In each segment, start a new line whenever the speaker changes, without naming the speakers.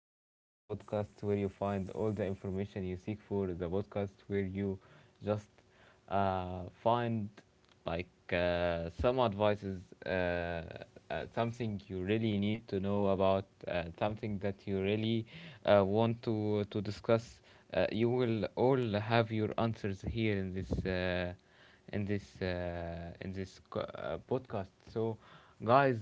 podcast, the podcast where you find all the information you seek for, the podcast where you just find some advices, uh, uh, something you really need to know about, something that you really want to discuss. You will all have your answers here in this. In this podcast. So, guys,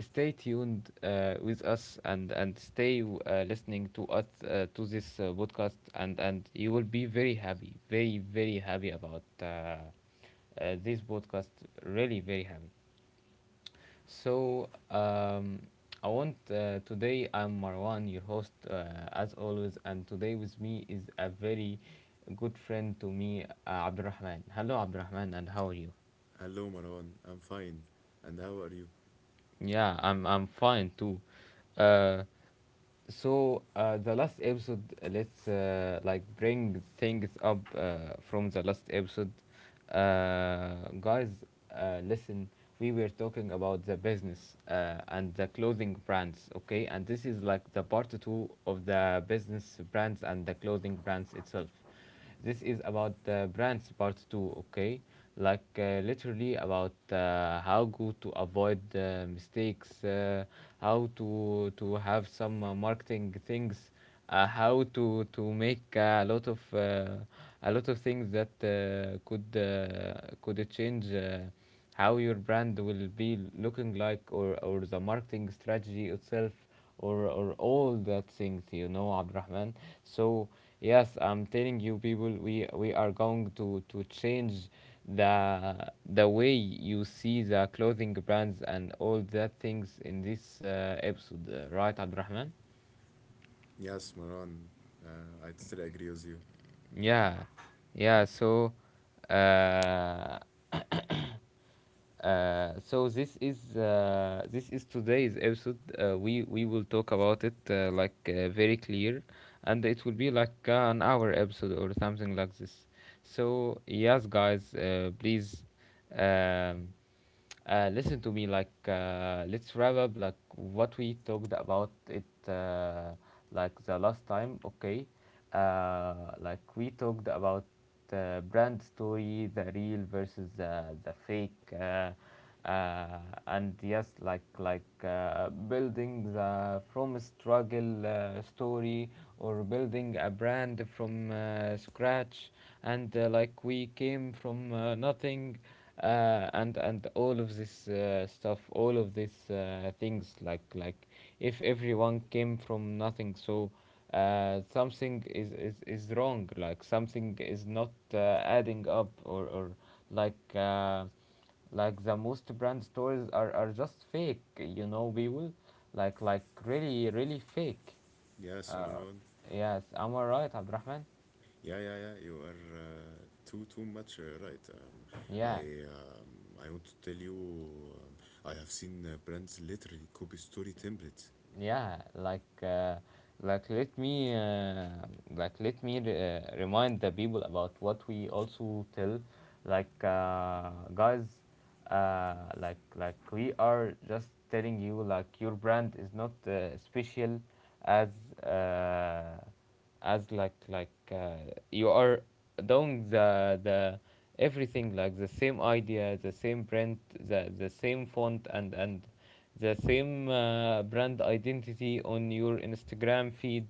stay tuned with us, and stay listening to us to this podcast, and you will be very happy, very happy about this podcast. Really, very happy. So, I want today I'm Marwan, your host, as always, and today with me is a very good friend to me, Abdurrahman. Hello, Abdurrahman, and how are you?
Hello, Maran. I'm fine. And how are you?
Yeah, I'm fine too. Uh, the last episode, let's like bring things up from the last episode. Guys Listen, we were talking about the business, and the clothing brands, okay, and this is like the part two of the business brands and the clothing brands itself. This is about brands part two, okay? Literally about how go to avoid mistakes, how to have some marketing things, how to make a lot of things that could change. How your brand will be looking like, or the marketing strategy itself, or all that things, you know, Abdurrahman. So yes, I'm telling you people, we are going to change the the way you see the clothing brands and all that things in this episode, right Abdurrahman?
Yes, Maran. I totally agree with you.
Yeah, yeah. So uh, so this is today's episode. We will talk about it very clear, and it will be like an hour episode or something like this. So yes, guys, please. Um, Listen to me. Like, let's wrap up. Like what we talked about it. Like the last time. Okay. Like we talked about the brand story, the real versus the fake. Uh, and yes, building the from struggle story, or building a brand from scratch, and like we came from nothing, and all of this stuff, all of these things, like if everyone came from nothing, so something is wrong, like something is not adding up, or like uh, like the most brand stories are just fake, you know people, like really really fake.
Yes,
uh,
Maran.
yes, am I right Abdurrahman?
Yeah, yeah, yeah. You are too much right.
Yeah,
I want to tell you. I have seen brands literally copy story templates.
yeah. Like let me uh, like let me remind the people about what we also tell. Guys, like we are just telling you, like your brand is not special, as uh, as you are doing the everything, like the same idea, the same print, the same font, and the same brand identity on your Instagram feed.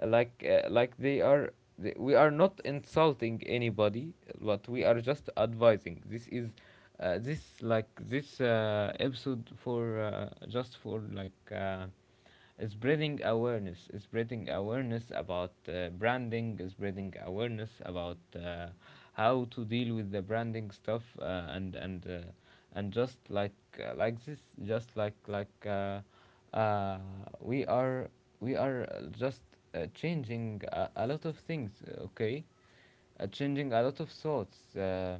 Like they are they, we are not insulting anybody, but we are just advising. This is this episode for just for spreading awareness, spreading awareness about branding, spreading awareness about how to deal with the branding stuff, and just like this just like uh, we are, we are just changing a lot of things, okay, changing a lot of thoughts,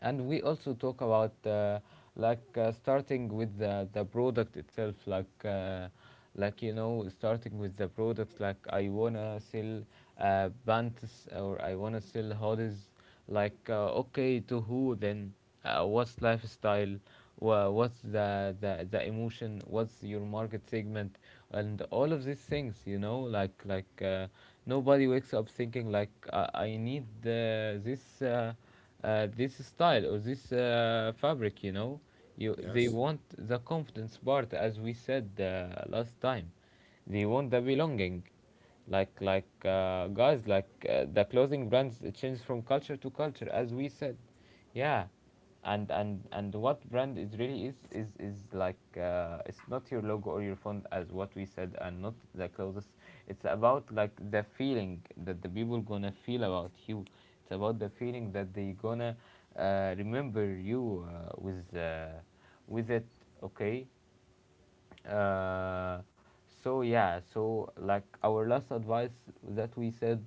and we also talk about starting with the product itself, like you know, starting with the products, like I wanna sell pants, or I wanna sell hoodies. Okay, to who then? What's lifestyle? What's the emotion? What's your market segment? And all of these things, you know, nobody wakes up thinking like I need this style or this fabric, you know. You, they
Yes,
want the confidence part, as we said last time. They want the belonging. Guys, the clothing brands change from culture to culture, as we said. Yeah. And what brand is really is it's not your logo or your font, as what we said, and not the clothes. It's about like the feeling that the people gonna feel about you. It's about the feeling that they gonna remember you with it. Okay. uh, so yeah, so like our last advice that we said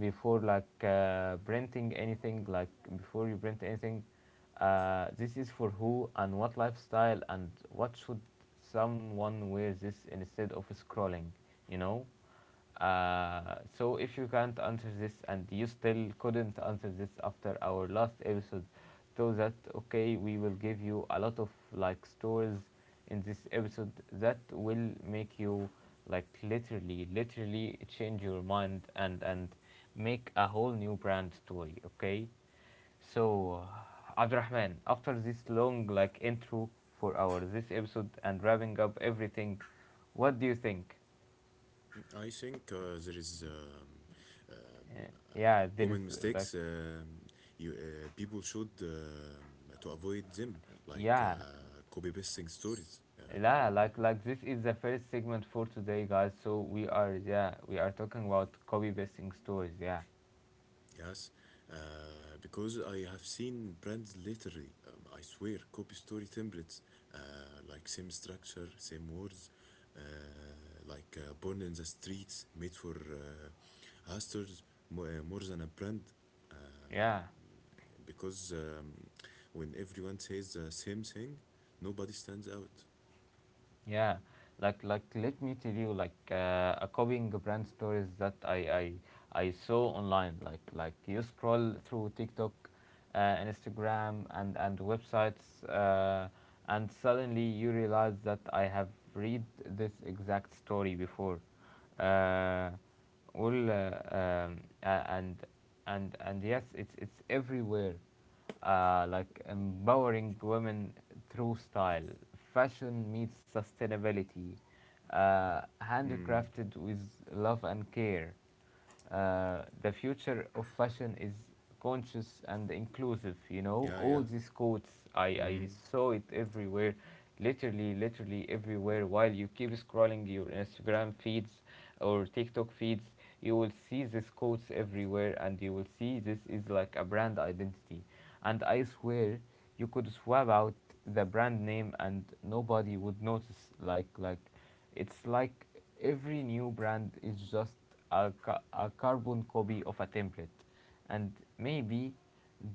before, like printing anything, like before you print anything, this is for who and what lifestyle, and what should someone wear this instead of scrolling, you know? So if you can't answer this, and you still couldn't answer this after our last episode, so that okay, we will give you a lot of like stories in this episode that will make you like literally, literally change your mind, and make a whole new brand story. Okay, so Abdurrahman, after this long like intro for our this episode and wrapping up everything, what do you think?
I think there is
Uh, yeah, there is
common mistakes. You people should to avoid them, like
yeah,
copy pasting stories.
yeah, like this is the first segment for today guys, so we are, yeah, we are talking about copy pasting stories, yeah,
Yes, because I have seen brands literally, I swear, copy story templates, uh, like same structure, same words, uh, like born in the streets, made for hustlers, more than a brand. Uh,
yeah.
because when everyone says the same thing, nobody stands out.
Yeah, like let me tell you like a copying brand stories that I saw online. Like you scroll through TikTok, and Instagram, and websites, and suddenly you realize that I have read this exact story before. Uh, well, uh, um, a- and and yes, it's everywhere, like empowering women through style. Fashion meets sustainability,
Mm,
handcrafted with love and care. The future of fashion is conscious and inclusive. You know,
yeah,
all
yeah.
these quotes I
Mm,
saw it everywhere, literally, literally everywhere. While you keep scrolling your Instagram feeds or TikTok feeds, you will see these quotes everywhere, and you will see this is like a brand identity, and I swear you could swap out the brand name and nobody would notice. Like, it's like every new brand is just a carbon copy of a template, and maybe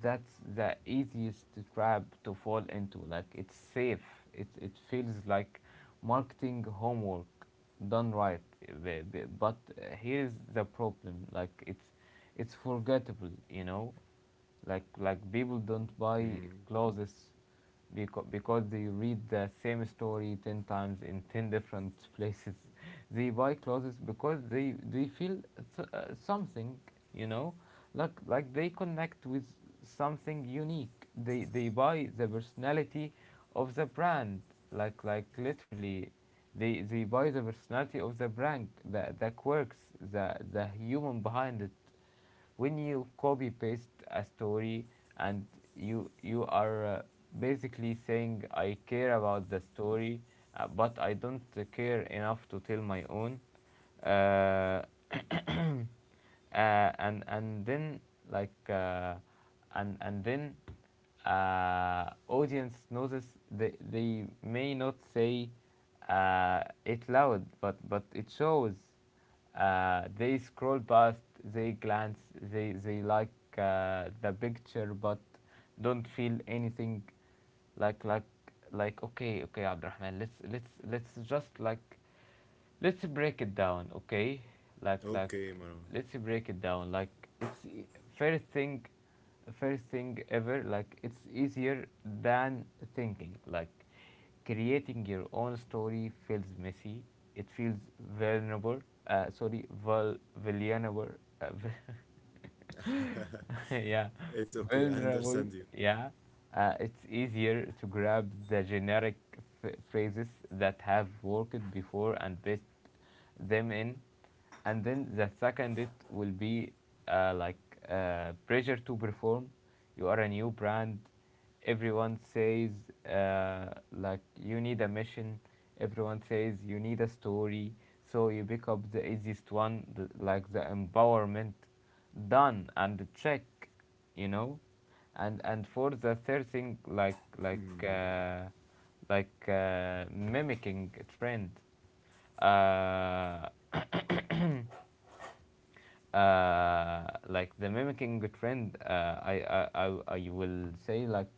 that's the easiest trap to fall into. Like it's safe. It feels like marketing homework done right. But here's the problem. Like it's forgettable. You know, like people don't buy
mm.
clothes because they read the same story 10 times in 10 different places they buy clothes because they feel s something, you know, like they connect with something unique. They buy the personality of the brand, like literally, they buy the personality of the brand, the quirks, the the human behind it. When you copy paste a story, and you are basically saying I care about the story, but I don't care enough to tell my own. uh, uh, and then like and then Audience notices. They may not say it loud, but it shows. They scroll past, they glance, they like the picture but don't feel anything. like like okay, okay Abdurrahman, let's just like let's break it down, okay? like like
Okay, Marwan.
let's break it down. It's e- First thing, first thing ever, like it's easier than thinking. Like creating your own story feels messy. It feels vulnerable. Vulnerable. Uh, yeah,
It's okay, I
vulnerable.
understand you.
Yeah, it's easier to grab the generic phrases that have worked before and best them in. And then the second, it will be uh, like pressure to perform. You are a new brand. Everyone says, uh, like you need a mission. Everyone says you need a story. So you pick up the easiest one, the, like the empowerment, done and check, you know. And for the third thing, mimicking a trend. uh, uh, like the mimicking trend, I will say like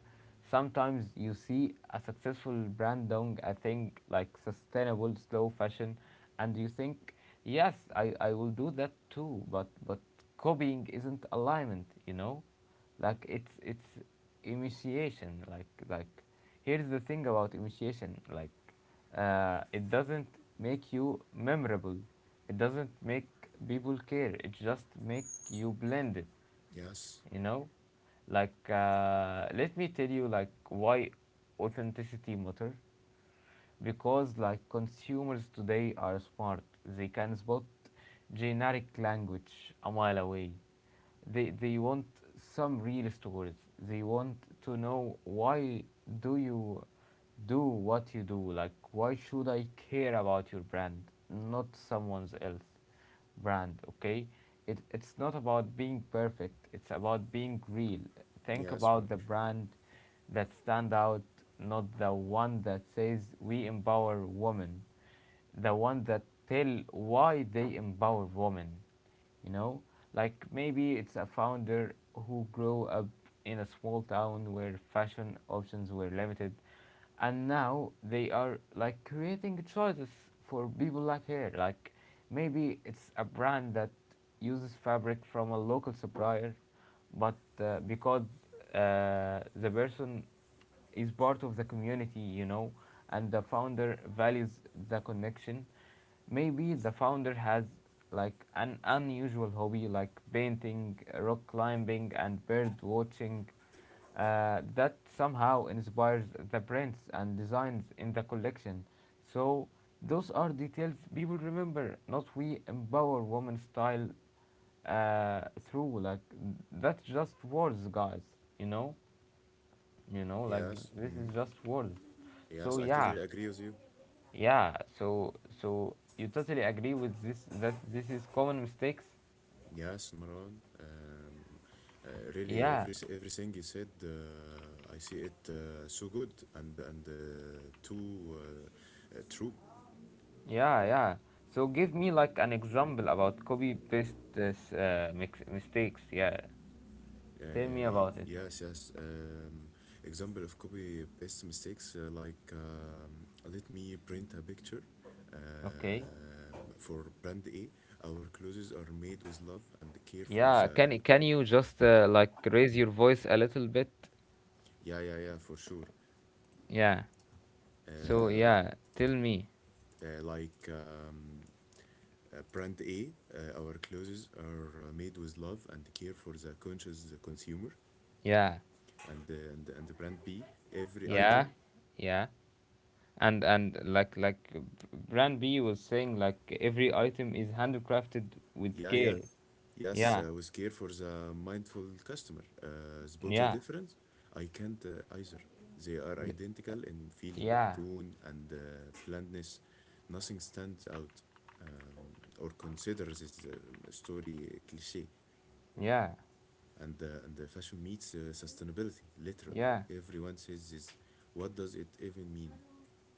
sometimes you see a successful brand doing a thing like sustainable slow fashion, and you think, yes, I will do that too. But copying isn't alignment, you know, like it's initiation. Like here's the thing about initiation, it doesn't make you memorable. It doesn't make people care. It just make you blended.
Yes,
You know, let me tell you like why authenticity matter, because like consumers today are smart. They can spot generic language a mile away. They want some real stories. They want to know why do you do what you do? Like, why should I care about your brand, not someone else brand, okay? It's not about being perfect. It's about being real. Think
yes,
about
Marwan.
the brand that stand out, not the one that says we empower women, the one that tell why they empower women, you know like maybe it's a founder who grew up in a small town where fashion options were limited, and now they are like creating choices for people like her. Like maybe it's a brand that uses fabric from a local supplier, but because the person is part of the community, you know, and the founder values the connection. Maybe the founder has like an unusual hobby like painting, rock climbing, and bird watching that somehow inspires the prints and designs in the collection. So, those are details people remember, not we empower women style through like that's just words, guys, you know like
Yes.
this is
Mm.
just words. So
Yes, I
yeah,
totally agree with you.
yeah. So you totally agree with this, that this is common mistakes?
Yes, Maran. Uh, really,
Yeah,
everything you said, I see it so good and too true.
yeah, yeah. So give me like an example about copy paste this, mistakes, yeah. Tell me
Uh,
about it.
yes, yes. Example of copy paste mistakes like let me print a picture.
Okay.
For brand A, our clothes are made with love and care for
Yeah,
the.
can you just like raise your voice a little bit?
Yeah, yeah, yeah, for sure.
Yeah, so
Uh,
yeah, tell me.
Like brand A, our clothes are made with love and care for the conscious consumer,
Yeah,
and brand B, every
yeah,
item,
yeah. And brand b was saying like every item is handcrafted with
yeah, yeah,
care.
yes,
Yeah,
with care for the mindful customer. Spot the
yeah,
difference? I can't either. They are identical in feeling,
yeah,
tone, and blandness. Nothing stands out, um, or considers this story cliche.
yeah,
And the fashion meets sustainability. Literally,
yeah.
everyone says this. What does it even mean?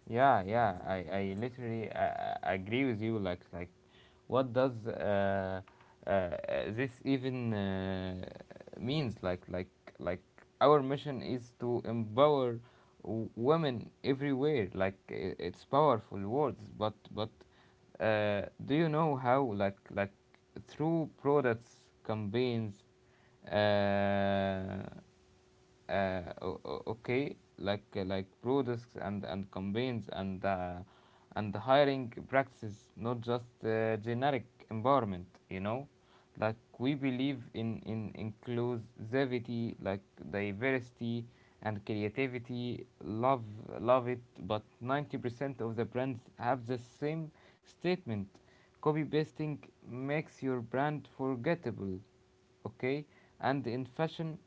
Yeah, yeah. I
uh,
literally agree with you. Like, what does uh, uh, this even means? Like, our mission is to empower women everywhere. Like, I it's powerful words, but do you know how? Through products, campaigns, uh, okay. Like like products and campaigns and hiring practices, not just generic environment, like we believe in inclusivity, like diversity and creativity. Love, love it, but 90% of the brands have the same statement. Copy pasting makes your brand forgettable, okay? And in fashion,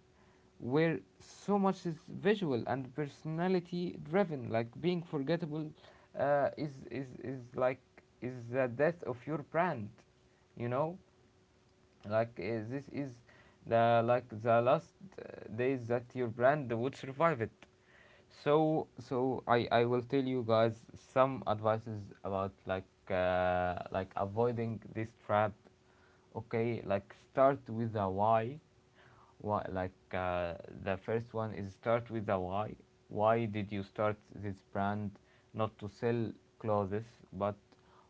where so much is visual and personality driven, like being forgettable is like is the death of your brand, you know, like this is the last uh, days that your brand would survive it. So I will tell you guys some advices about like avoiding this trap, okay? Like start with a why. Why? Like the first one is start with the why. Why did you start this brand? Not to sell clothes, but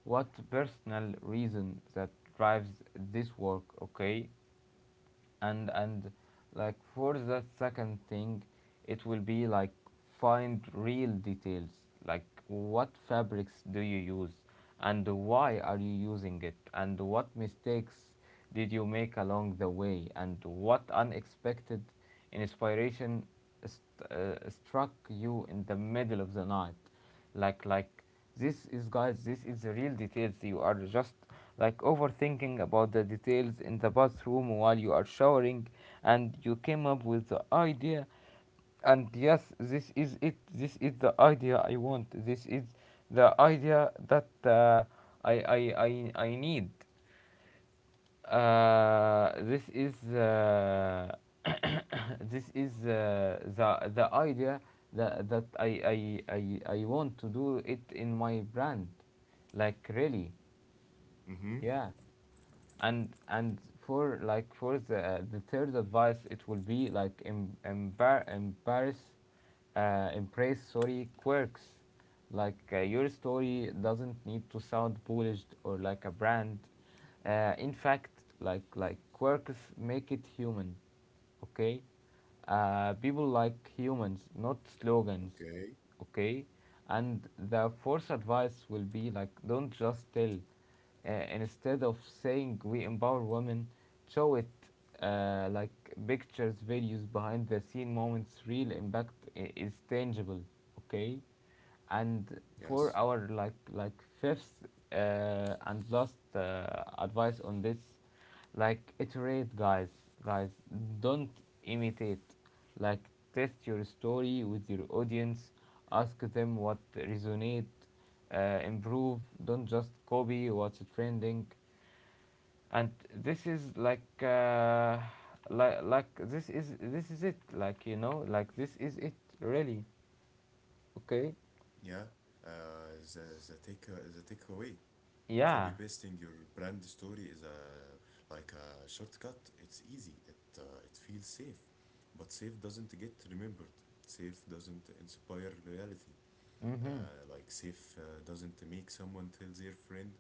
what personal reason that drives this work? Okay. And like for that second thing, it will be like, find real details. Like what fabrics do you use, and why are you using it, and what mistakes did you make along the way, and what unexpected inspiration struck you in the middle of the night. like like this is, guys, this is the real details. You are just like overthinking about the details in the bathroom while you are showering, and you came up with the idea. And yes, this is it. This is the idea I want. This is the idea that I, I I need. This is This is the idea that I I want to do it in my brand, like really.
Mm-hmm.
Yeah. And for the third advice, it will be like embarrass, embrace, sorry, quirks. Like your story doesn't need to sound polished or like a brand. In fact, quirks make it human, okay? People
Okay.
like humans, not slogans. Okay. And the fourth advice will be like, don't just tell. uh, Instead of saying we empower women, show it. Like pictures, videos, behind the scene moments, real impact is tangible, okay? And
Yes.
for our fifth and last advice on this, like iterate, guys, guys. Don't imitate. Like test your story with your audience. Ask them what resonate. Improve. Don't just copy what's trending. And this is like, this is it. Like you know, like this is it. Really. Okay.
Yeah. The takeaway, copy
Yeah.
pasting your brand story is a like a shortcut. It's easy. It feels safe, but safe doesn't get remembered. Safe doesn't inspire loyalty. Uh,
Mhm.
like safe doesn't make someone tell their friend,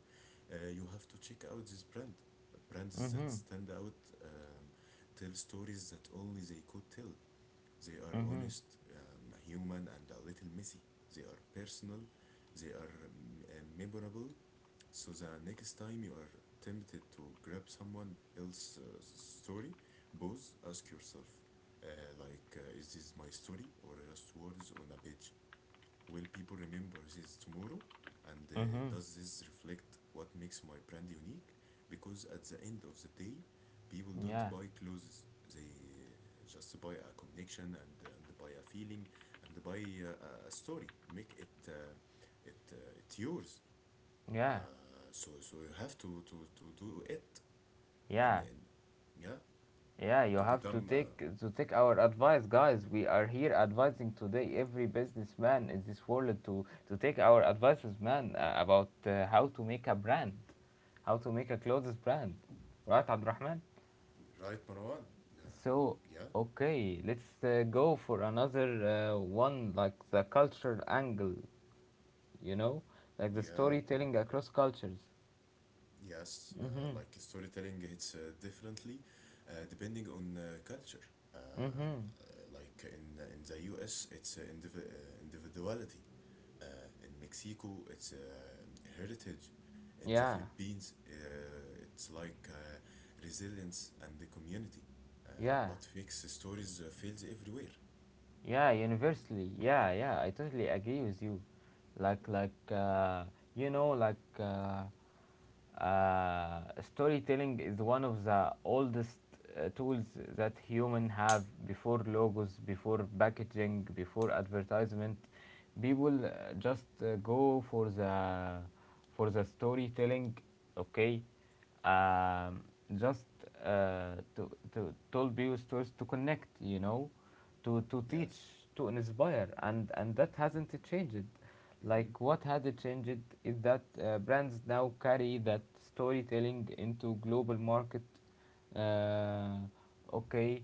you have to check out this brand. Brands that
Mhm.
stand out, um, tell stories that only they could tell. They are
Mhm.
honest, human, and a little messy. They are personal. They are memorable. So the next time you are tempted to grab someone else's story, pause, ask yourself, uh, is this my story or just words on a page? Will people remember this tomorrow? And
Mhm.
does this reflect what makes my brand unique? Because at the end of the day, people don't
Yeah.
buy clothes, they just buy a connection, and buy a feeling, and buy a story. Make it it yours. Uh,
Yeah.
so you have to do it,
Yeah.
and, yeah,
Yeah, you
to
have to
become
take our advice, guys. We are here advising today every businessman in this world to take our advices, man, about how to make a brand, how to make a clothes brand, right, Abdurrahman?
right, Marwan. Uh,
So,
yeah,
okay, let's go for another one, like the cultural angle, you know, like the
yeah.
storytelling across cultures.
Yes,
Mhm.
like storytelling hits differently depending on culture. Um,
Mhm.
uh, like in the US, it's indiv- individuality. Uh, in Mexico, it's heritage. In the
Yeah.
Philippines, it's like resilience and the community. Uh,
Yeah.
but fake stories fails everywhere.
Yeah, universally. Yeah, yeah, I totally agree with you. Like, like, uh, you know, like, uh, storytelling is one of the oldest tools that human have before logos, before packaging, before advertisement. People just go for the storytelling, okay? Um, just to tell people stories, to connect, you know, to teach,
Yes.
to inspire, and that hasn't changed. Like
Mm-hmm.
what has it changed is that brands now carry that storytelling into global market. Uh, okay.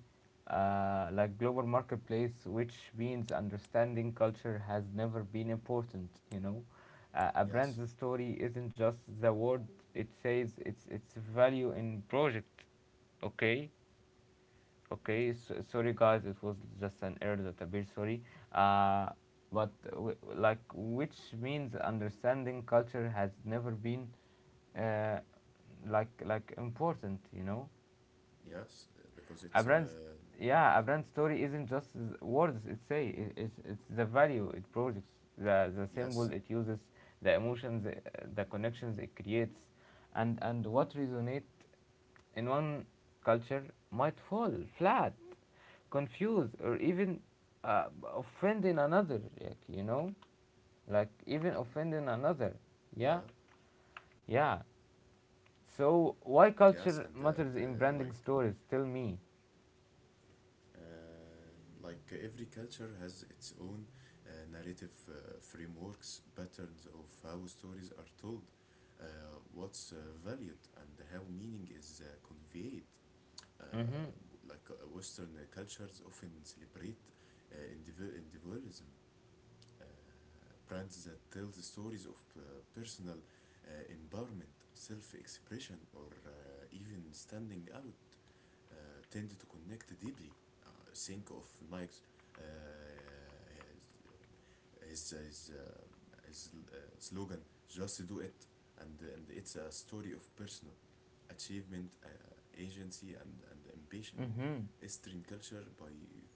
Like global marketplace, which means understanding culture has never been important. You know, a brand's
Yes.
story isn't just the word it says; it's its value in project. Okay. Okay, so, sorry guys, it was just an error that appeared. Sorry, uh, but like which means understanding culture has never been uh, like important, you know.
Yes, because it's
Abrams, yeah, Abrams' story isn't just words it say. It's the value it projects, the symbol it
yes,
uses, the emotions, the connections it creates, and what resonate in one culture might fall flat, confused, or even uh, offend in another. Like, like even offending another.
yeah,
Yeah, yeah. So why
yes,
culture
and
matters in branding stories, tell me.
Uh, like every culture has its own narrative frameworks, patterns of how stories are told, uh, what's valued, and how meaning is conveyed. Uh,
Mm-hmm.
like Western cultures often celebrate indiv- individualism, uh, brands that tell the stories of personal empowerment, self expression, or even standing out, uh, tend to connect deeply. Uh, think of Nike's, uh, his his, um, his slogan "Just do it," and it's a story of personal achievement, agency, and ambition.
Mm-hmm.
Eastern culture, by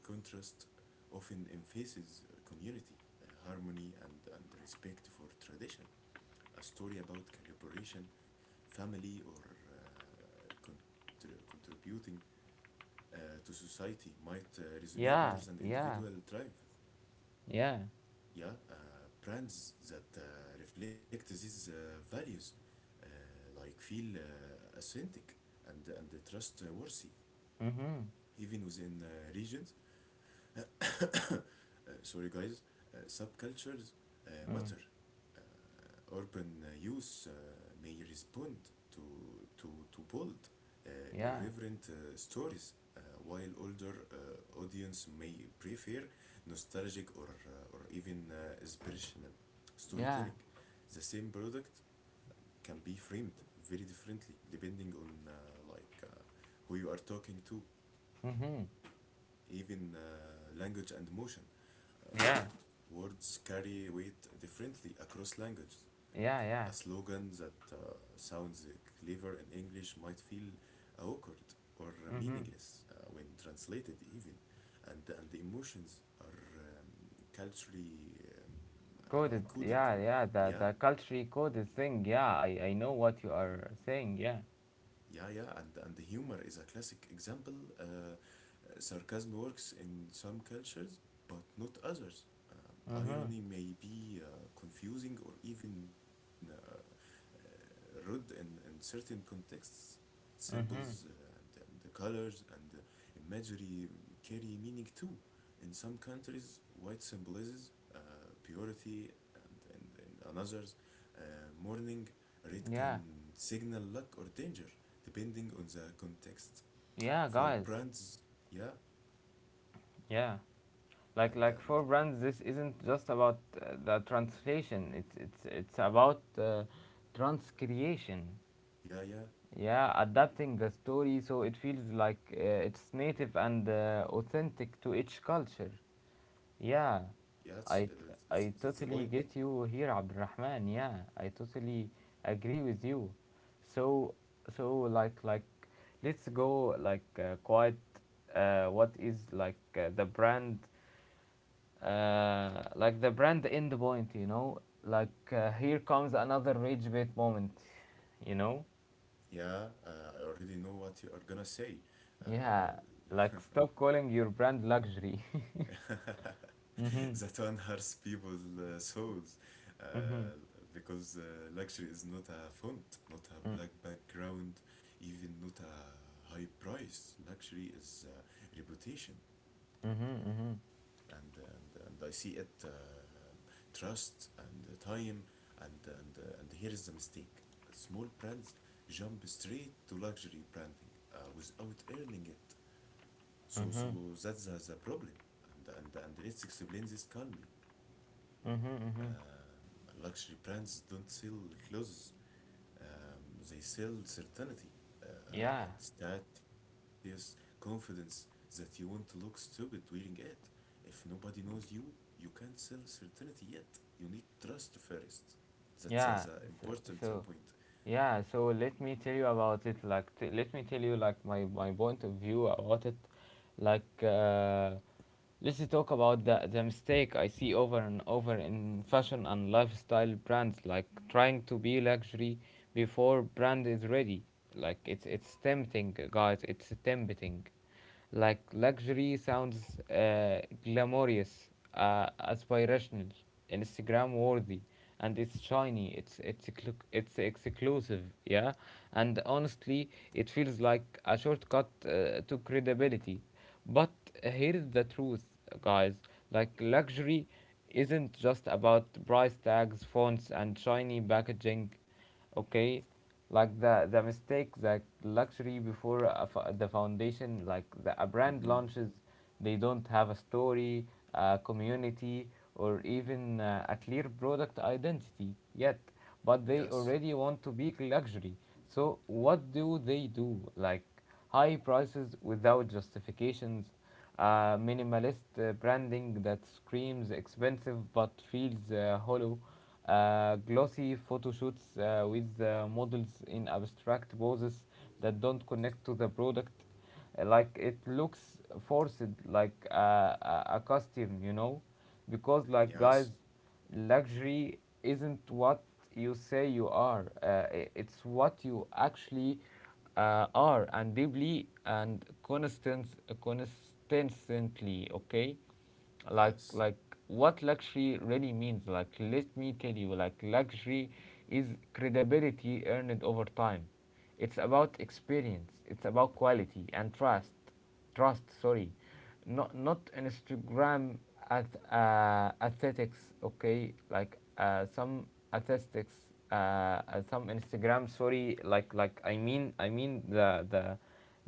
contrast, often emphasizes community, harmony, and respect for tradition. A story about collaboration, family, or contributing uh, to society might resonate more
Yeah,
than
yeah,
individual drive.
yeah.
Yeah, brands that reflect these values uh, like feel authentic and trustworthy,
Mm-hmm.
even within regions. Sorry, guys, subcultures
Mm.
matter. Urban youth may respond to, to bold, uh,
Yeah,
irreverent stories, while older audience may prefer nostalgic, or even inspirational
yeah.
storytelling. The same product can be framed very differently depending on, like uh, who you are talking to,
Mm-hmm.
even language and emotion.
Yeah,
Words carry weight differently across languages.
yeah, yeah.
A slogan that sounds clever in English might feel awkward or
Mm-hmm.
meaningless when translated, even. And the emotions are, culturally
Coded.
like, coded.
Yeah, yeah. The
Yeah,
the culturally coded thing. Yeah, I know what you are saying. Yeah.
yeah, yeah, and the humor is a classic example. Uh, sarcasm works in some cultures, but not others.
Mm-hmm.
Irony may be confusing, or even rude in certain contexts. Symbols
Mm-hmm.
and, the colors and the imagery carry meaning too. In some countries, white symbolizes uh, purity, and, in others, uh, morning. Red can
Yeah.
signal luck or danger depending on the context.
Yeah,
For
guys.
brands, yeah,
Yeah.
and
For brands, this isn't just about the translation. It's about transcreation.
yeah, yeah,
Yeah, adapting the story so it feels like it's native and authentic to each culture. Yeah, I, t-
yes,
I
th- that's the
totally
point.
get you here, Abdurrahman. Yeah, I totally agree with you. So, so, let's go like quite. What is like the brand? Like the brand end point. Like here comes another rage bait moment, you know.
Yeah, I already know what you are gonna say.
Yeah,
Uh,
like stop calling your brand luxury. Mm-hmm.
that one hurts people's souls,
Mm-hmm.
uh, because luxury is not a font, not a
Mm-hmm,
black background, even not a high price. Luxury is reputation.
mm-hmm,
And I see it, trust and the time, and here is the mistake. Small brands jump straight to luxury branding without earning it. So
mm-hmm,
that's the problem. And let's explain this calmly.
mm-hmm, mm-hmm.
Luxury brands don't sell clothes, um, they sell certainty,
Yeah,
and status, confidence that you won't look stupid wearing it. If nobody knows you, you can't sell certainty yet. You need trust first. That's an
yeah. So,
important point.
so Yeah, so let me tell you about it. Like, let me tell you like my point of view about it. Like, let's talk about the mistake I see over and over in fashion and lifestyle brands, like trying to be luxury before brand is ready. Like, it's tempting, guys. It's tempting. Like luxury sounds glamorous, aspirational, Instagram worthy, and it's shiny. It's exclusive, yeah. And honestly, it feels like a shortcut to credibility. But here's the truth, guys. Like luxury isn't just about price tags, fonts, and shiny packaging, okay? Like the mistake: the luxury before the foundation. Like the a
Mm-hmm.
brand launches, they don't have a story, a community, or even a clear product identity yet, but they
Yes,
already want to be luxury. So what do they do? Like high prices without justifications, minimalist branding that screams expensive but feels hollow, glossy photo shoots with models in abstract poses that don't connect to the product. Like it looks forced, like a costume, you know, because like, guys,
yes,
luxury isn't what you say you are. It's what you actually are, and deeply and constantly, okay. like
yes,
like what luxury really means, like let me tell you, like luxury is credibility earned over time. It's about experience, it's about quality and trust, sorry, not Instagram at aesthetics, okay. Like some aesthetics, some Instagram, sorry. I mean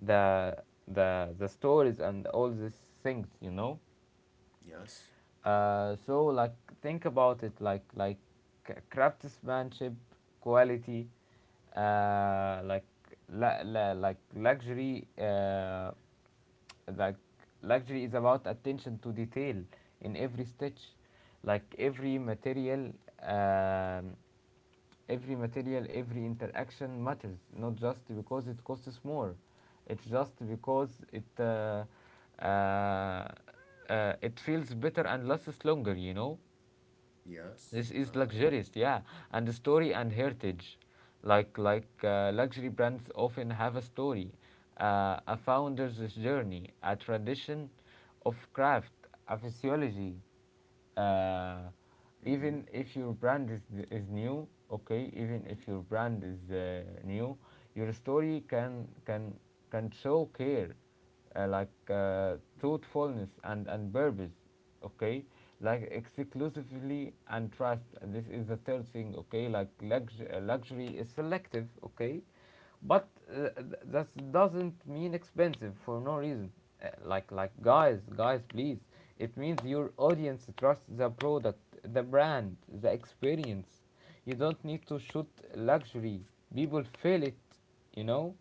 the the stories and all these things, you know.
yes,
So like think about it, craftsmanship, quality, uh, like like luxury. Like luxury is about attention to detail in every stitch, like every material. Um, Every material, every interaction matters, not just because it costs more. It's just because uh, it feels better and lasts longer. You know.
yes.
This is luxurious, yeah, and the story and heritage, luxury brands often have a story, a founder's journey, a tradition of craft, a physiology. Uh,
Mm-hmm.
Even if your brand is new, okay, even if your brand is new, your story can can show care uh, like uh, truthfulness and purpose, okay? Like exclusively and trust. And this is the third thing, okay? Like luxury is selective, okay? But that doesn't mean expensive for no reason. Guys, guys, please. It means your audience trusts the product, the brand, the experience. You don't need to shoot luxury. People feel it, you know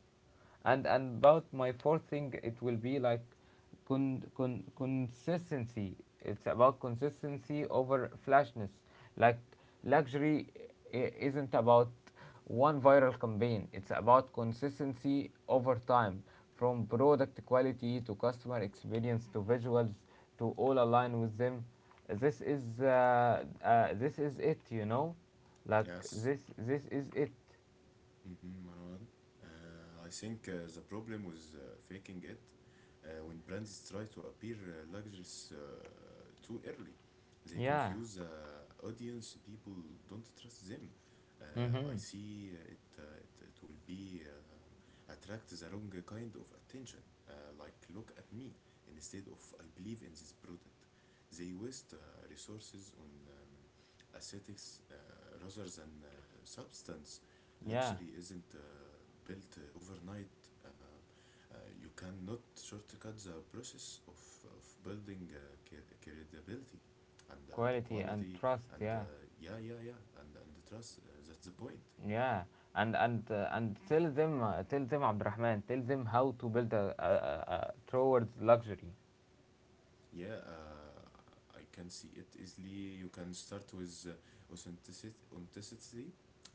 and about my fourth thing it will be like consistency. It's about consistency over flashness. Like luxury isn't about one viral campaign. It's about consistency over time, from product quality to customer experience to visuals, to all align with them. This is this is it. Like
Yes.
this is it.
Mhm, Manuel. I think the problem was faking it, when brands try to appear luxurious too early. They
Yeah.
confuse the audience, people don't trust them. Uh, I
Mm-hmm.
see it will be, attract the wrong kind of attention. Uh, like, look at me, instead of I believe in this product. They waste resources on aesthetics rather than substance.
Yeah,
Luxury isn't built overnight. Uh, you cannot shortcut the process of building cre- credibility and the
quality and
quality.
trust,
And,
yeah.
yeah, yeah, yeah, and the trust. That's the point.
Yeah, and tell them tell them, Abdurrahman, tell them how to build a towards luxury.
Yeah, I can see it easily. You can start with authenticity.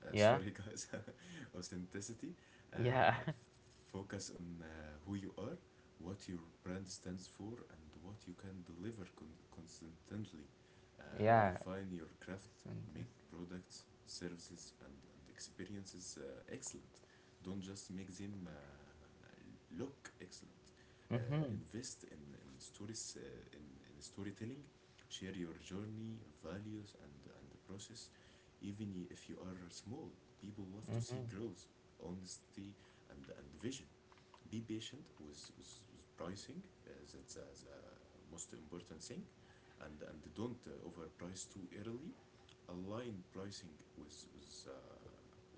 Yeah.
Sorry, guys, authenticity. Uh,
Yeah.
f- focus on who you are, what your brand stands for, and what you can deliver con- consistently. Uh,
Yeah.
refine your craft, make products, services, and, experiences excellent. Don't just make them look excellent. Uh,
Mm-hmm.
invest in stories, in storytelling. Share your journey, values, and the process. Even if you are small, people love to see
Mm-hmm.
growth, honesty, and vision. Be patient with, with pricing. That's the most important thing, and don't overprice too early. Align pricing with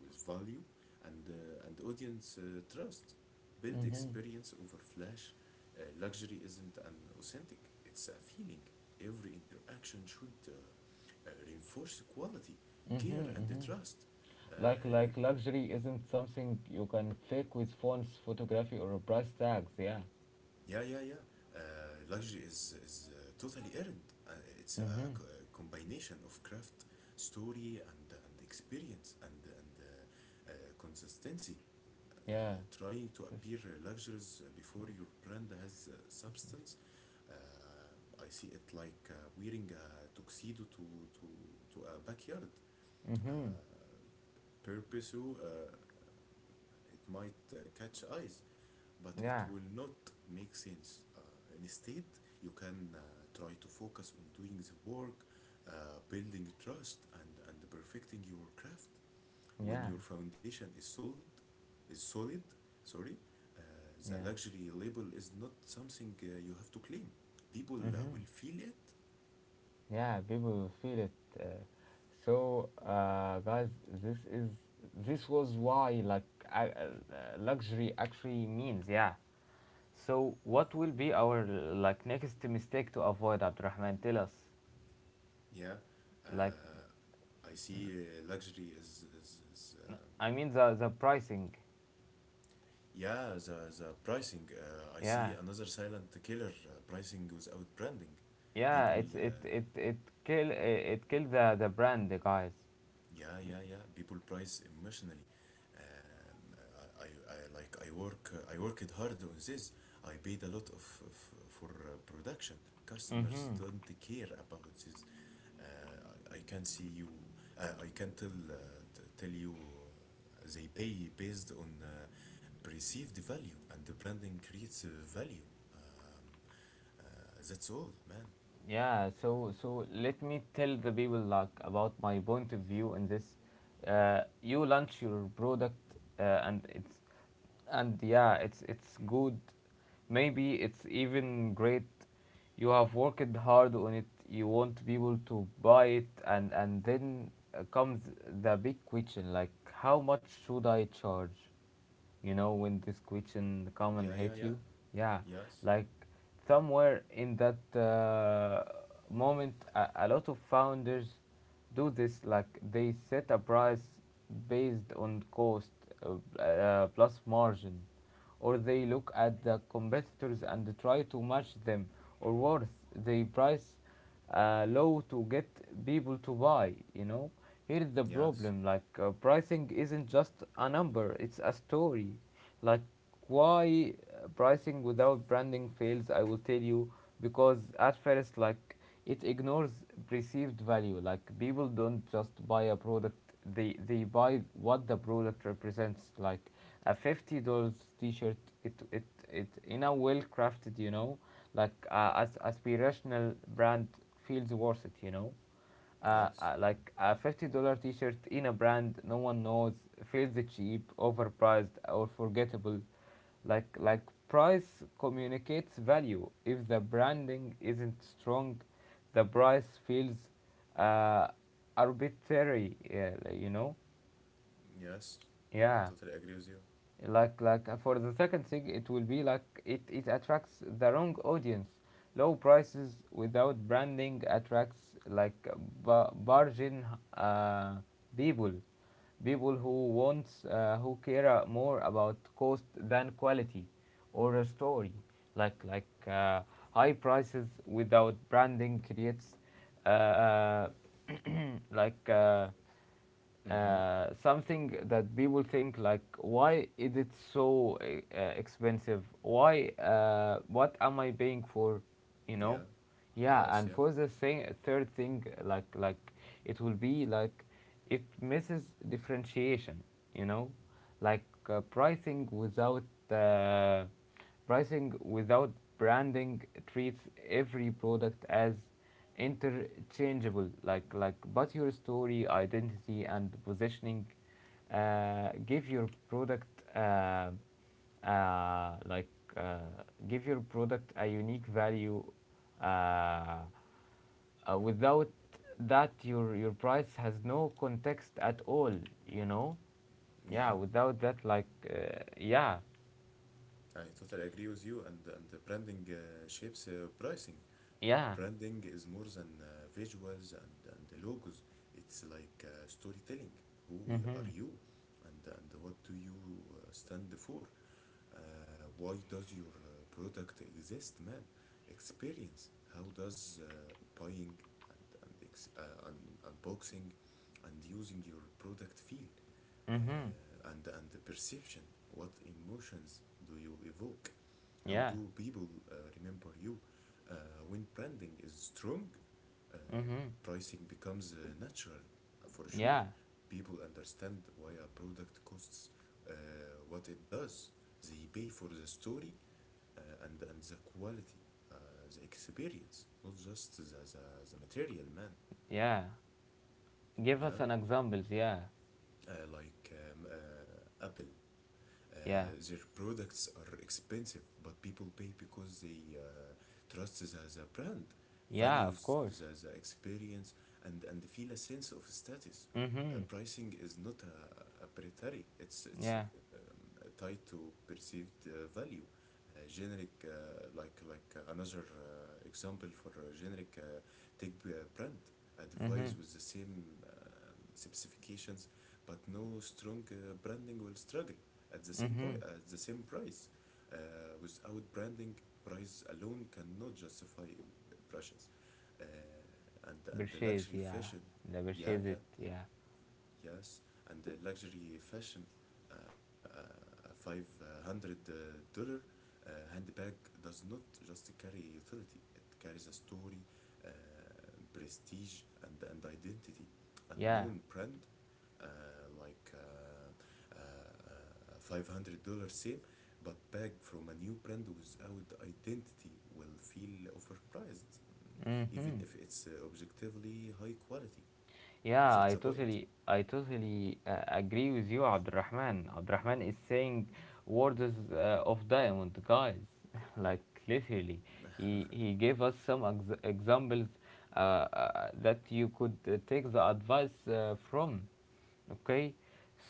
with value, and audience trust. Build
Mm-hmm.
experience over flash. Luxury isn't an authentic, it's a feeling. Every interaction should reinforce quality,
Mm-hmm.
care, and
Mm-hmm.
trust. Uh,
Like luxury isn't something you can fake with fonts, photography, or price tags. Yeah.
Yeah, yeah, yeah. Uh, luxury is totally earned. Uh, it's a,
Mm-hmm.
co- a combination of craft, story, and experience, and consistency.
Yeah.
Trying to appear luxurious before your brand has substance. I see it like wearing a tuxedo to a backyard.
Mm-hmm.
Uh, purpose, it might catch eyes, but it
Yeah.
will not make sense. Instead, you can try to focus on doing the work, building trust, and perfecting your craft. When
Yeah.
your foundation is solid, sorry. uh, the
Yeah.
luxury label is not something you have to claim. People
Mm-hmm.
will feel it.
Yeah, people feel it. Uh, so, guys, this is this was why like uh, uh, luxury actually means. Yeah. So, what will be our like next mistake to avoid, Abdurrahman? Tell us.
Yeah.
Like,
uh, I see luxury is,
I mean the pricing.
yeah, the pricing. I see
Yeah,
another silent killer. Pricing without branding.
yeah.
People,
It's it it it kill it kill the brand, guys.
yeah, yeah, yeah. People price emotionally. Um, I, I like I worked hard on this. I paid a lot of for production. Customers
Mm-hmm.
don't care about this. Uh, I can see you. I can tell you. They pay based on perceive the value and the branding creates value um, that's all man.
Yeah, so so let me tell the people like about my point of view in this. You launch your product and it's and yeah, it's good. Maybe it's even great. You have worked hard on it. You want people to buy it, and then comes the big question like, how much should I charge? You know when this question
Yeah,
come and
yeah, yeah.
hit you. Yeah.
Yes,
Like somewhere in that moment, a lot of founders do this, like they set a price based on cost plus margin, or they look at the competitors and try to match them, or worse they price low to get people to buy, you know. Here's the
yes,
problem, like pricing isn't just a number, it's a story. Like why pricing without branding fails, I will tell you. Because at first, like it ignores perceived value. Like people don't just buy a product, they buy what the product represents. Like a $50 t-shirt, it it it in a well crafted, you know, like as aspirational brand, feels worth it, you know.
yes,
Like a $50 t-shirt in a brand no one knows feels cheap, overpriced, or forgettable. Like price communicates value if the branding isn't strong the price feels uh, arbitrary Yeah, you know
yes, I
yeah
totally agree with you.
Like for the second thing it will be like it attracts the wrong audience. Low prices without branding attracts like bargain uh, people, people who wants, who care more about cost than quality or a story. Like high prices without branding creates uh, uh, like uh,
Mm-hmm.
something that people think like, why is it so expensive, why, what am I paying for, you know.
Yeah.
Yeah.
Yes.
And
Yeah,
for the thing third thing, it will be like it misses differentiation, you know. Like uh, pricing without branding treats every product as interchangeable. Like but your story, identity, and positioning uh, give your product uh, uh, like uh, give your product a unique value. uh, Without that, your price has no context at all, you know. Yeah,
yeah,
without that, yeah.
I totally agree with you, and the branding shapes pricing.
Yeah.
Branding is more than visuals and logos. It's like storytelling. Who
Mhm.
are you? And what do you stand for? uh, why does your product exist, man? Experience: how does buying and unboxing and using your product feel?
Mhm.
And the perception. What emotions do you evoke? How
Yeah.
do people remember you? Uh, when branding is strong, uh,
Mhm.
pricing becomes natural, for sure.
Yeah.
People understand why a product costs uh, what it does. They pay for the story, and the quality, uh, the experience, not just the material, man.
Yeah. Give us an
Yeah,
examples. Yeah,
like Apple.
yeah,
Uh, their products are expensive, but people pay because they trust the brand,
yeah. Of course.
values the experience, and feel a sense of status.
Mhm.
Pricing is not a predatory, it's,
Yeah.
it's tied to perceived value. Generic, another example for a generic tech brand, advice
Mhm.
with the same specifications, but no strong branding will struggle at the same point,
Mhm.
at the same price. Uh, Without branding, price alone cannot justify brushes. Uh, and the
Bershes.
luxury
Yeah.
fashion,
The
yeah,
bershes it.
yeah.
Yeah.
Yes, and the luxury fashion, a five hundred dollar handbag does not just carry utility; it carries a story, uh, prestige, and identity. A
Yeah.
known brand, uh, $500 same, but bag from a new brand without identity will feel overpriced, even
Mhm.
if it's objectively high quality.
Yeah.
That's the
I
point.
totally. I totally agree with you, Abdurrahman. Abdurrahman is saying words of diamond, guys. Like literally, he gave us some examples that you could take the advice from. Okay,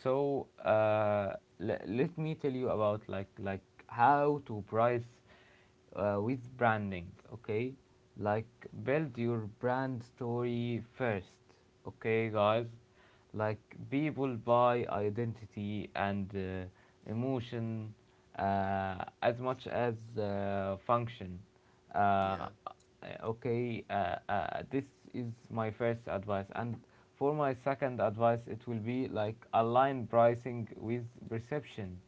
so let me tell you about how to price with branding. Okay, like build your brand story first. Okay, guys, like people buy identity and emotion as much as function, uh,
Yeah.
okay. This is my first advice, and for my second advice it will be like align pricing with perception,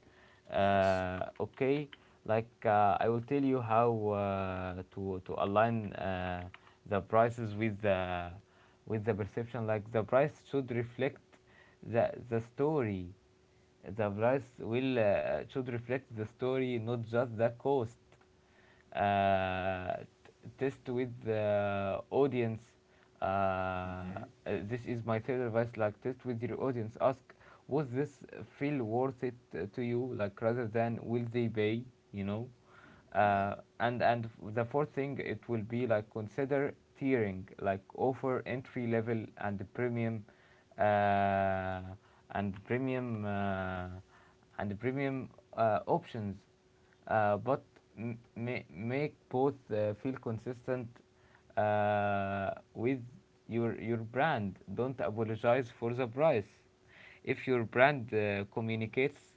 Yes.
okay. Like I will tell you how to align the prices with the perception. Like the price should reflect the story. The price will should reflect the story, not just the cost. uh, Test with the audience. Uh, uh,
Mm-hmm.
this is my third advice. Like test with your audience. Ask, was this feel worth it to you? Like rather than will they pay? You know.
Yeah.
Uh, and and the fourth thing it will be like consider tiering, like offer entry level and premium uh, and premium uh, and premium options, but make both feel consistent with your brand. Don't apologize for the price. If your brand uh, communicates,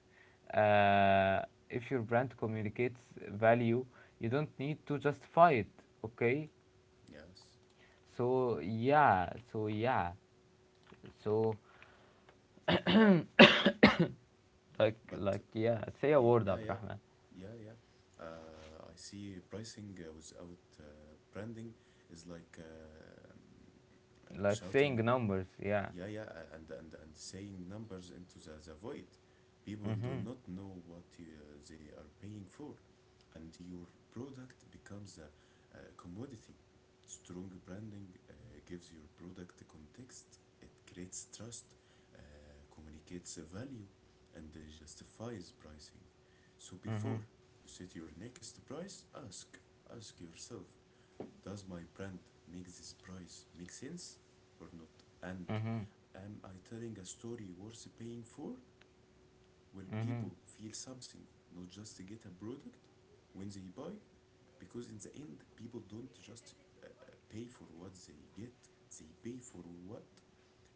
uh, if your brand communicates value, you don't need to justify it. Okay,
Yes.
so yeah, so yeah, so
But
yeah, say a
yeah,
word,
yeah,
Abdurrahman.
yeah, yeah. I see pricing without branding is like
Like saying
shouting,
numbers, yeah.
yeah, yeah, and saying numbers into the void. People do
Mhm.
not know what they are paying for, and your product becomes a commodity. Strong branding gives your product context. It creates trust, uh, communicates a value, and justifies pricing. So before
Mhm.
you set your next price, ask, ask yourself, does my brand make this price make sense or not? And
Mhm.
am I telling a story worth paying for? Will
Mhm.
people feel something, not just get a product when they buy? Because in the end, people don't just pay for what they get, they pay for what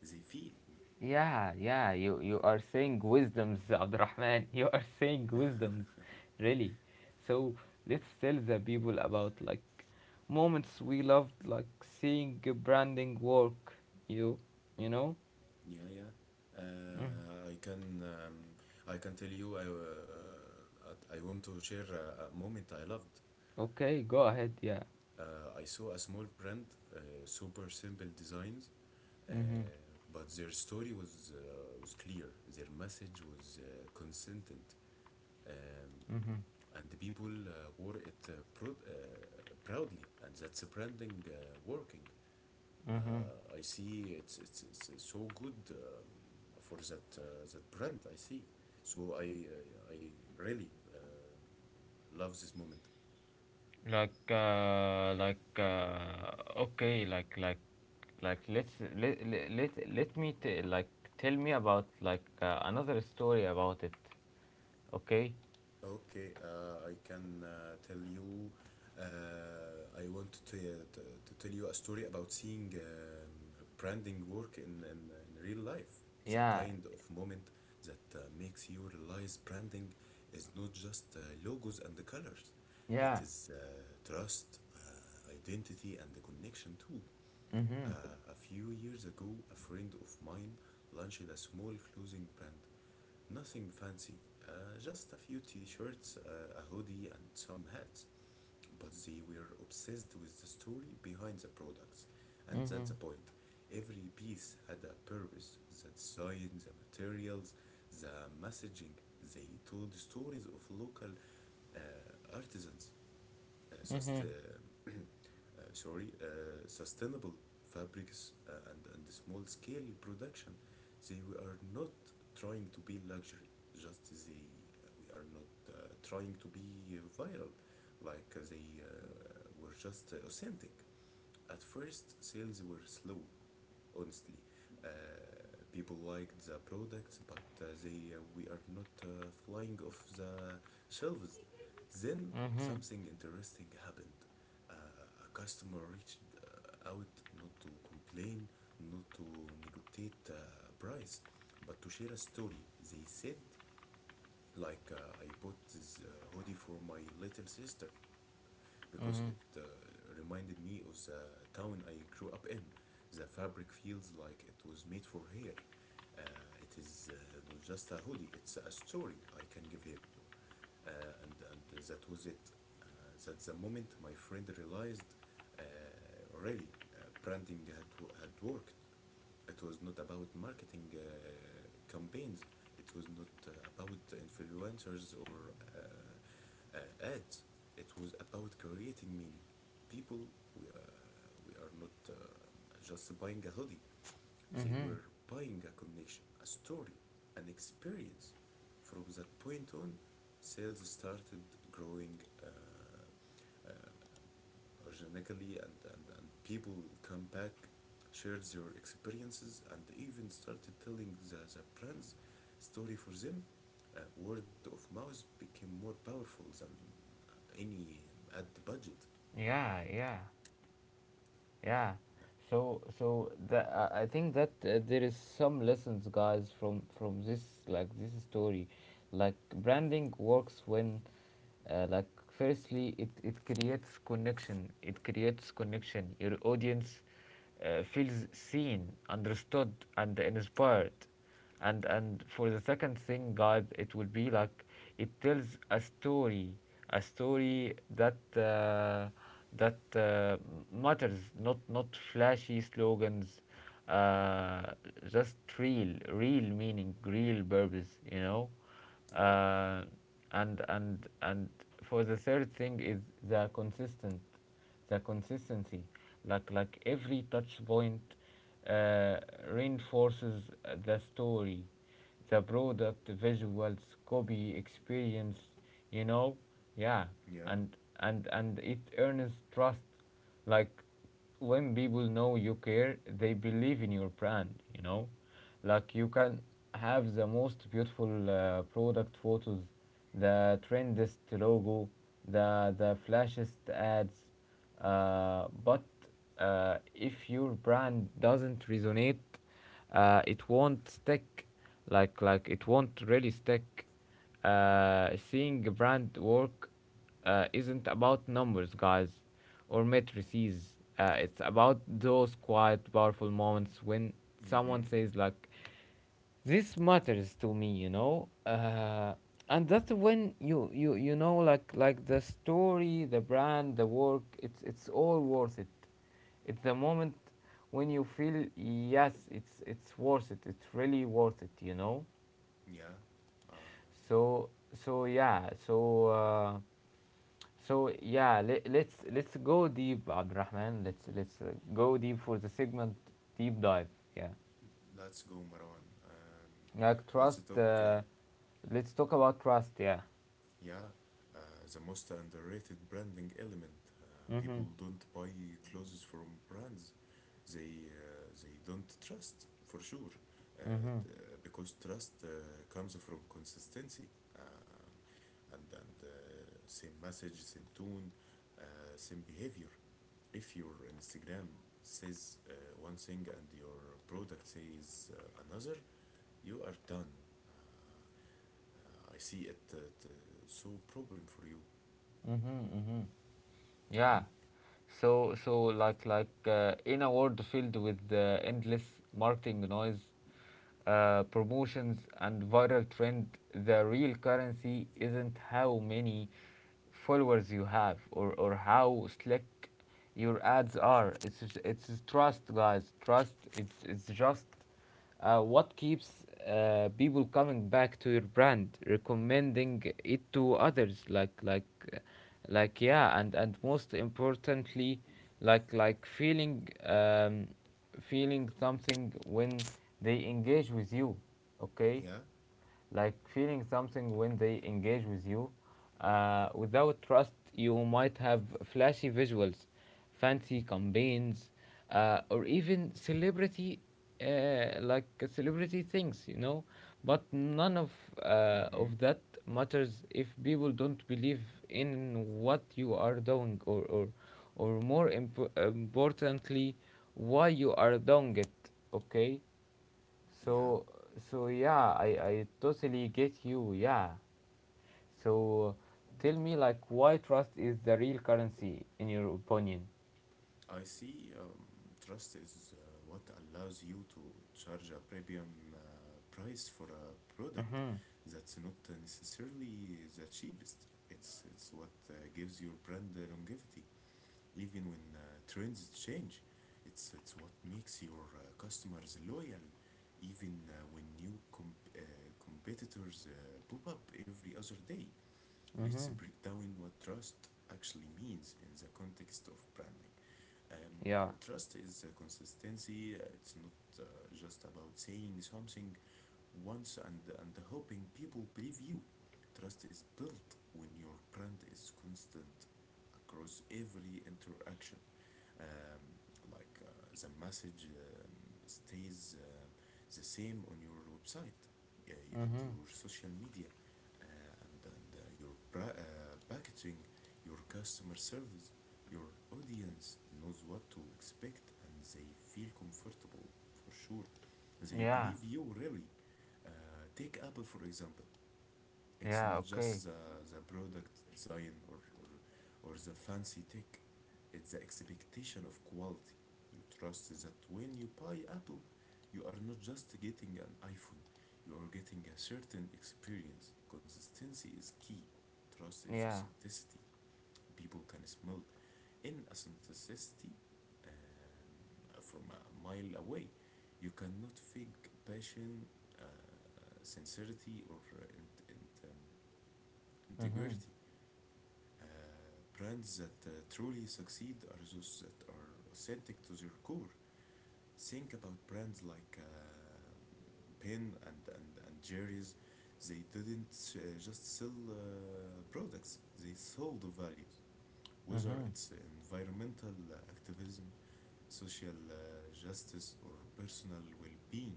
they feel.
Yeah, yeah, you are saying wisdoms, Abdurrahman. You are saying wisdoms, really. So let's tell the people about like moments we loved, like seeing a branding work. You, you know.
Yeah, yeah.
Mm.
I can tell you, I want to share a moment I loved.
Okay, go ahead. Yeah.
I saw a small brand, super simple designs, uh,
Mm-hmm.
but their story was clear. Their message was consistent, um,
Mm-hmm.
and the people wore it proudly, and that's a branding working.
Mm-hmm.
I see it's so good for that brand. I see, so I really love this moment.
Like okay like let's let let let me like tell me about like another story about it. Okay?
Okay, I can tell you. I want to tell you a story about seeing branding work in real life. The
Yeah.
kind of moment that makes you realize branding is not just logos and the colors. It
Yeah.
is trust, identity, and the connection too.
Mhm.
A few years ago, a friend of mine launched a small clothing brand. Nothing fancy, just a few t shirts, a hoodie, and some hats. But they were obsessed with the story behind the products, and that's the
Mhm.
point. Every piece had a purpose: the design, the materials, the messaging. They told stories of local artisans, uh, sust-
Mhm.
uh, sorry, sustainable fabrics and small scale production. They We are not trying to be luxury, just they we are not trying to be viral, like they were just authentic. At first, sales were slow, honestly. People liked the products, but they we are not flying off the shelves. Then
Mhm.
something interesting happened. A customer reached out, not to complain, not to negotiate price, but to share a story. They said, like, I bought this hoodie for my little sister because it
Mhm.
reminded me of the town I grew up in. The fabric feels like it was made for her. Uh, it is not just a hoodie, it's a story I can give her. And that was it. That's the moment my friend realized, uh, really, branding had worked. It was not about marketing campaigns. It was not about influencers or ads. It was about creating meaning. People, we are not just buying a hoodie. They
Mhm.
were buying a connection, a story, an experience. From that point on, sales started growing uh, organically, and people come back, shared their experiences, and even started telling the brand's story for them. Word of mouth became more powerful than any ad budget.
Yeah. Yeah. Yeah. So so I think that there is some lessons, guys, from this like this story, like branding works when, like firstly it creates connection. It creates connection. Your audience feels seen, understood, and inspired. And for the second thing, guys, it will be like it tells a story, a story that that uh, matters, not flashy slogans, uh, just real, real meaning, real purpose, you know.
Yeah.
Uh, and and and for the third thing is the consistent the consistency. Like every touch point uh, reinforces the story, the product, visuals, copy, experience, you know. Yeah.
Yeah.
And it earns trust. Like when people know you care, they believe in your brand, you know? Like you can have the most beautiful product photos, the trendiest logo, the flashiest ads, but if your brand doesn't resonate, it won't stick. Like it won't really stick. Seeing a brand work isn't about numbers, guys, or matrices. It's about those quiet, powerful moments when someone
Mm-hmm.
says, like, this matters to me, you know? And that's when you know, like the story, the brand, the work, it's all worth it. It's the moment when you feel, yes, it's worth it. It's really worth it, you know?
Yeah. uh,
So, so yeah, so. So yeah, let, let's go deep, Abdurrahman. Let's go deep for the segment deep dive. Yeah,
let's go, Marwan.
like
Let's
trust.
talk.
Let's talk about trust. Yeah.
Yeah, uh, the most underrated branding element. Uh, People
Mhm.
don't buy clothes from brands they don't trust, for sure, uh,
Mhm.
because trust comes from consistency. Um, and same message, same tone, same behavior. If your Instagram says one thing and your product says another, you are done. I see it so problem for you.
Mhm. Mhm.
Mm-hmm.
Yeah. So so in a world filled with endless marketing noise, promotions, and viral trend, the real currency isn't how many followers you have, or how slick your ads are. It's trust, guys, trust. It's just what keeps people coming back to your brand, recommending it to others. Uh, like yeah, and most importantly, like feeling feeling something when they engage with you. Okay,
Yeah.
like feeling something when they engage with you. Without trust, you might have flashy visuals, fancy campaigns, uh, or even celebrity, like celebrity things, you know. But none of
Mm-hmm.
that matters if people don't believe in what you are doing, or more importantly, why you are doing it. Okay.
Yeah.
So, so yeah, I totally get you. Yeah. So, tell me, like, why trust is the real currency in your opinion?
I see trust is what allows you to charge a premium price for a product
Mhm.
that's not necessarily the cheapest. It's what gives your brand the longevity, even when trends change. It's what makes your customers loyal, even when new competitors pop up every other day. Let's
Mhm.
break down what trust actually means in the context of branding.
Yeah.
Trust is a consistency. It's not uh, just about saying something once and hoping people believe you. Trust is built when your brand is constant across every interaction, um, like the message stays the same on your website, and
Mhm.
your social media, uh, and your packaging, your customer service. Your audience knows what to expect and they feel comfortable, for sure. They
Yeah.
believe you, really. Uh, Take Apple, for example. It's
Yeah.
not
Okay.
just the product design, or or the fancy tech. It's the expectation of quality. You trust that when you buy Apple, you are not just getting an iPhone, you are getting a certain experience. Consistency is key. Trust is
Yeah.
authenticity. People can smell in authenticity from a mile away. You cannot fake passion, uh, sincerity, or and
Mhm.
integrity. Uh, Brands that truly succeed are those that are authentic to their core. Think about brands like Penn and Jerry's. They didn't just sell products, they sold values. Whether
Mhm.
it's environmental activism, social justice, or personal well being.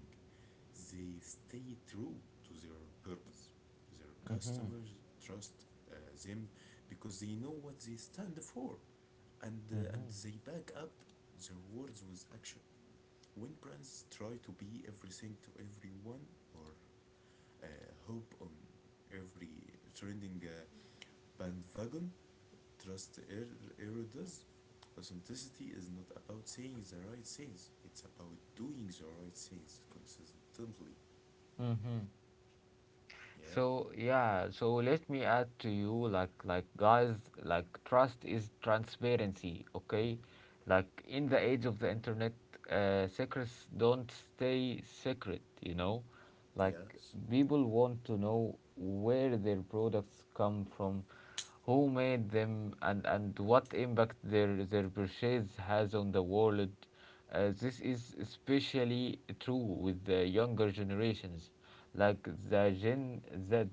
They stay true to their purpose. Their
Mhm.
customers trust uh, them because they know what they stand for, and
Mhm.
they back up their words with action. When brands try to be everything to everyone, or uh, hope on every trending bandwagon, trust erodes. Authenticity is not about saying the right things, it's about doing the right things consistently.
Mhm.
Yeah.
So yeah, so let me add to you guys like trust is transparency, okay? Like in the age of the internet, secrets don't stay secret, you know? Like
Yes.
people want to know where their products come from, who made them, and what impact their purchase has on the world. This is especially true with the younger generations like the Gen Z,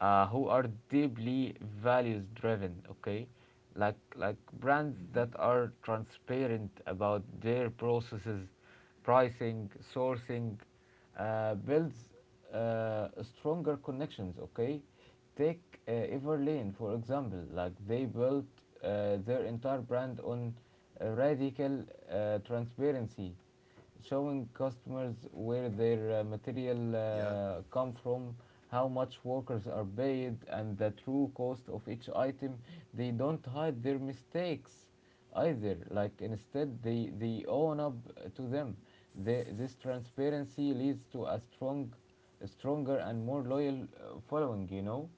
who are deeply values driven. Okay, like brands
Mm-hmm.
that are transparent about their processes, pricing, sourcing, builds stronger connections. Okay, take Everlane for example. Like they built their entire brand on radical transparency, showing customers where their material
Yeah.
come from, how much workers are paid, and the true cost of each item. They don't hide their mistakes either. Like instead, they own up to them. This transparency leads to a stronger and more loyal following. You know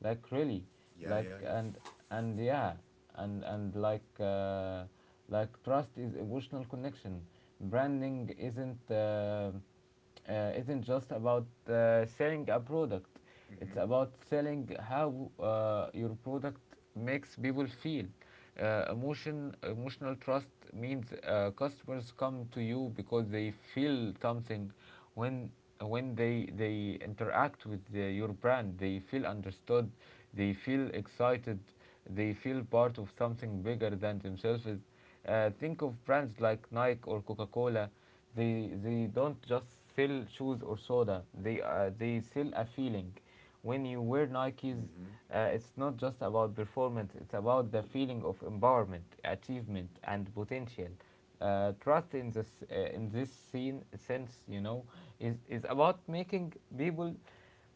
like really
Yeah.
like
Yeah. Yeah.
and yeah and like trust is emotional connection. Branding isn't just about selling a product. It's
Mm-hmm.
about selling how your product makes people feel. Emotional trust means customers come to you because they feel something when they interact with your brand. They feel understood, they feel excited, they feel part of something bigger than themselves. Think of brands like Nike or Coca-Cola. They don't just sell shoes or soda, they sell a feeling. When you wear Nikes,
Mm-hmm.
it's not just about performance, it's about the feeling of empowerment, achievement, and potential. Trust in this scene sense, you know, is about making people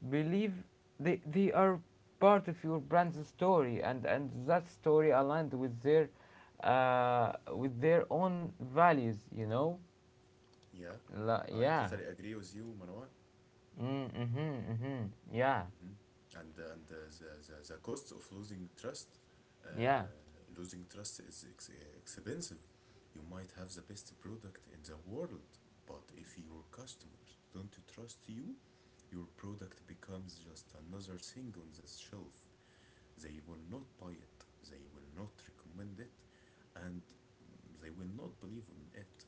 believe they are part of your brand's story, and that story aligned with their own values, you know.
Yeah. I
Yeah.
totally agree with you, Marwan.
Mm-hmm, mm-hmm. Yeah.
Mhm. And the cost of uh,
Yeah.
losing trust is expensive. You might have the best product in the world, but if your customers don't trust you, your product becomes just another thing on the shelf. They will not buy it. They will not recommend it, and they will not believe in it.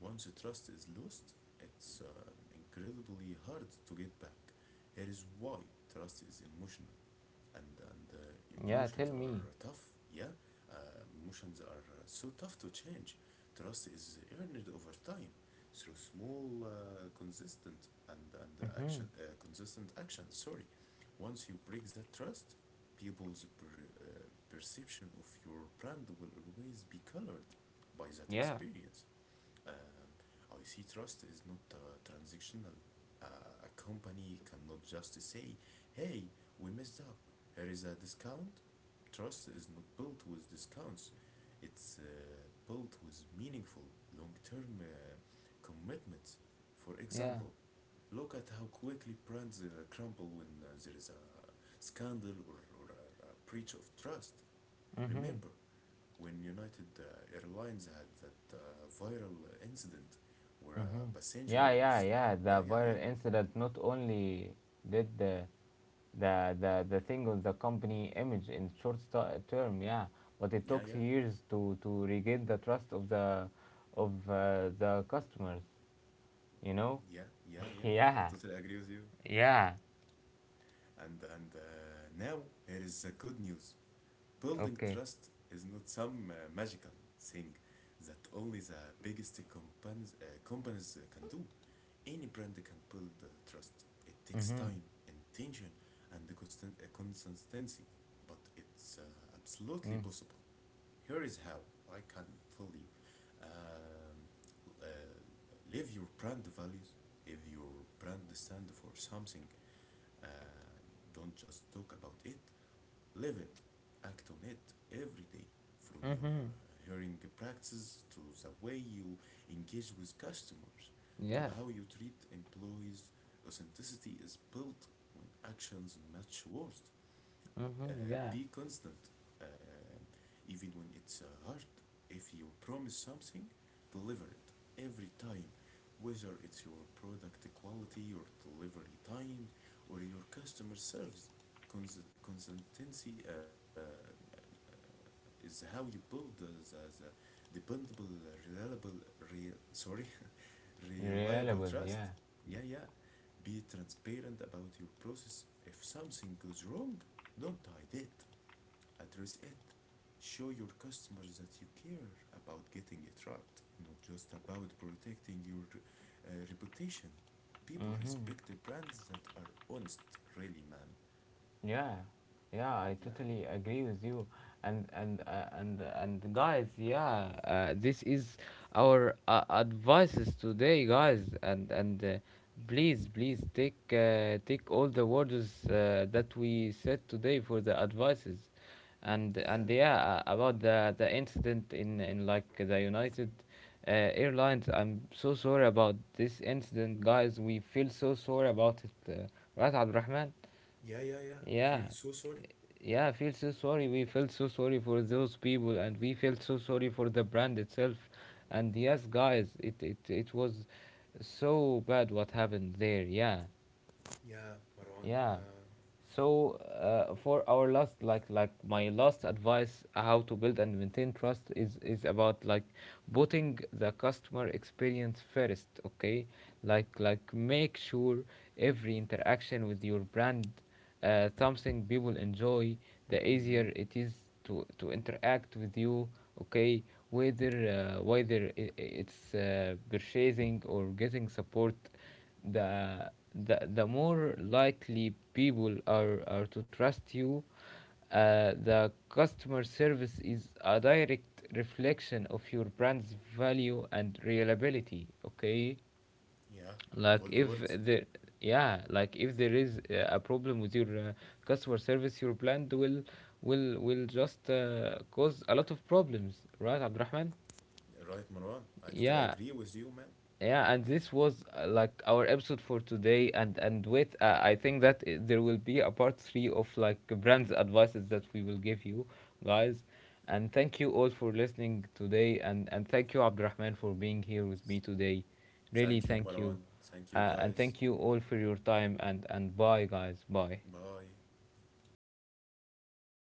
Once trust is lost, it's incredibly hard to get back. Here is why: trust is emotional, and
Yeah.
emotions
Tell
are
me.
tough. Yeah, uh, emotions are so tough to change. Trust is earned over time through small,
Mm-hmm.
consistent action. Sorry, once you break that trust, people's perception of your brand will always be colored by that
Yeah.
experience. Um, I see trust is not transactional. A company cannot just say, "Hey, we messed up, here is a discount." Trust is not built with discounts, it's built with meaningful, long term commitments. For
Yeah.
example, look at how quickly brands crumble when there is a scandal, or a breach of trust.
Mm-hmm.
Remember when United Airlines had that viral incident where a
Mm-hmm.
passenger
Yeah, yeah,
was.
yeah.
Yeah,
The
yeah,
viral
yeah.
incident not only did the thing with the company image in short term, yeah, but it
Yeah,
took
yeah.
years to regain the trust of the customers. You know?
Yeah, yeah, yeah. I
yeah.
totally agree with you.
Yeah.
And now, here is the good news. Building
Okay.
trust is not some magical thing that only the biggest companies can do. Any brand can build trust. It takes
Mm-hmm.
time, intention, and consistency, but it's absolutely
Mm.
possible. Here is how I can tell you. Um, uh, Live your brand values. If your brand stands for something, uh, don't just talk about it, live it, act on it every day. From your
Mm-hmm.
hiring practices to the way you engage with customers, to
Yeah.
how you treat employees, authenticity is built when actions match words.
Mm-hmm.
uh,
Yeah.
be constant, uh, even when it's hard. If you promise something, deliver it every time, whether it's your product quality, or delivery times, or your customer service. Consistency is how you build the, the dependable, reliable, sorry, reliable
Reliable. Yeah.
trust. Yeah, yeah. Be transparent about your process. If something goes wrong, don't hide it. Address it. Show your customers that you care about getting it right, not just about protecting your reputation. People
Mm-hmm.
respect the brands that are honest, really, man.
Yeah, yeah, I
Yeah.
totally agree with you. And guys, yeah, this is our advices today, guys. And Please, please take take all the words that we said today for the advices. And
Yeah,
and yeah, about the incident in like the United Airlines, I'm so sorry about this incident, guys. We feel so sorry about it, right, Abdulrahman?
yeah, yeah, yeah. Feel
Yeah,
so sorry.
yeah, I feel so sorry. We felt so sorry for those people, and we felt so sorry for the brand itself. And yes, guys, it was so bad what happened there. Yeah,
Yeah, Marwan.
yeah. So for our last, my last advice, how to build and maintain trust is about like putting the customer experience first. Okay, like make sure every interaction with your brand, something people enjoy. The
Mm-hmm.
easier it is to interact with you. Okay, whether it's purchasing or getting support, the more likely people are to trust you. The customer service is a direct reflection of your brand's value and reliability. Okay,
Yeah,
like
gold
if
words.
there, yeah, like if there is a problem with your customer service, your brand will just cause a lot of problems, right, Abdurrahman?
Right, Marwan. I totally
Yeah,
agree with you, man.
yeah, and this was like our episode for today, and with I think that there will be a part three of like brands advices that we will give you guys. And thank you all for listening today, and thank you Abdurrahman for being here with me today. Really
Thank you,
thank
Marwan.
you,
Thank you,
and
guys.
thank you all for your time, and bye guys, bye.
Bye.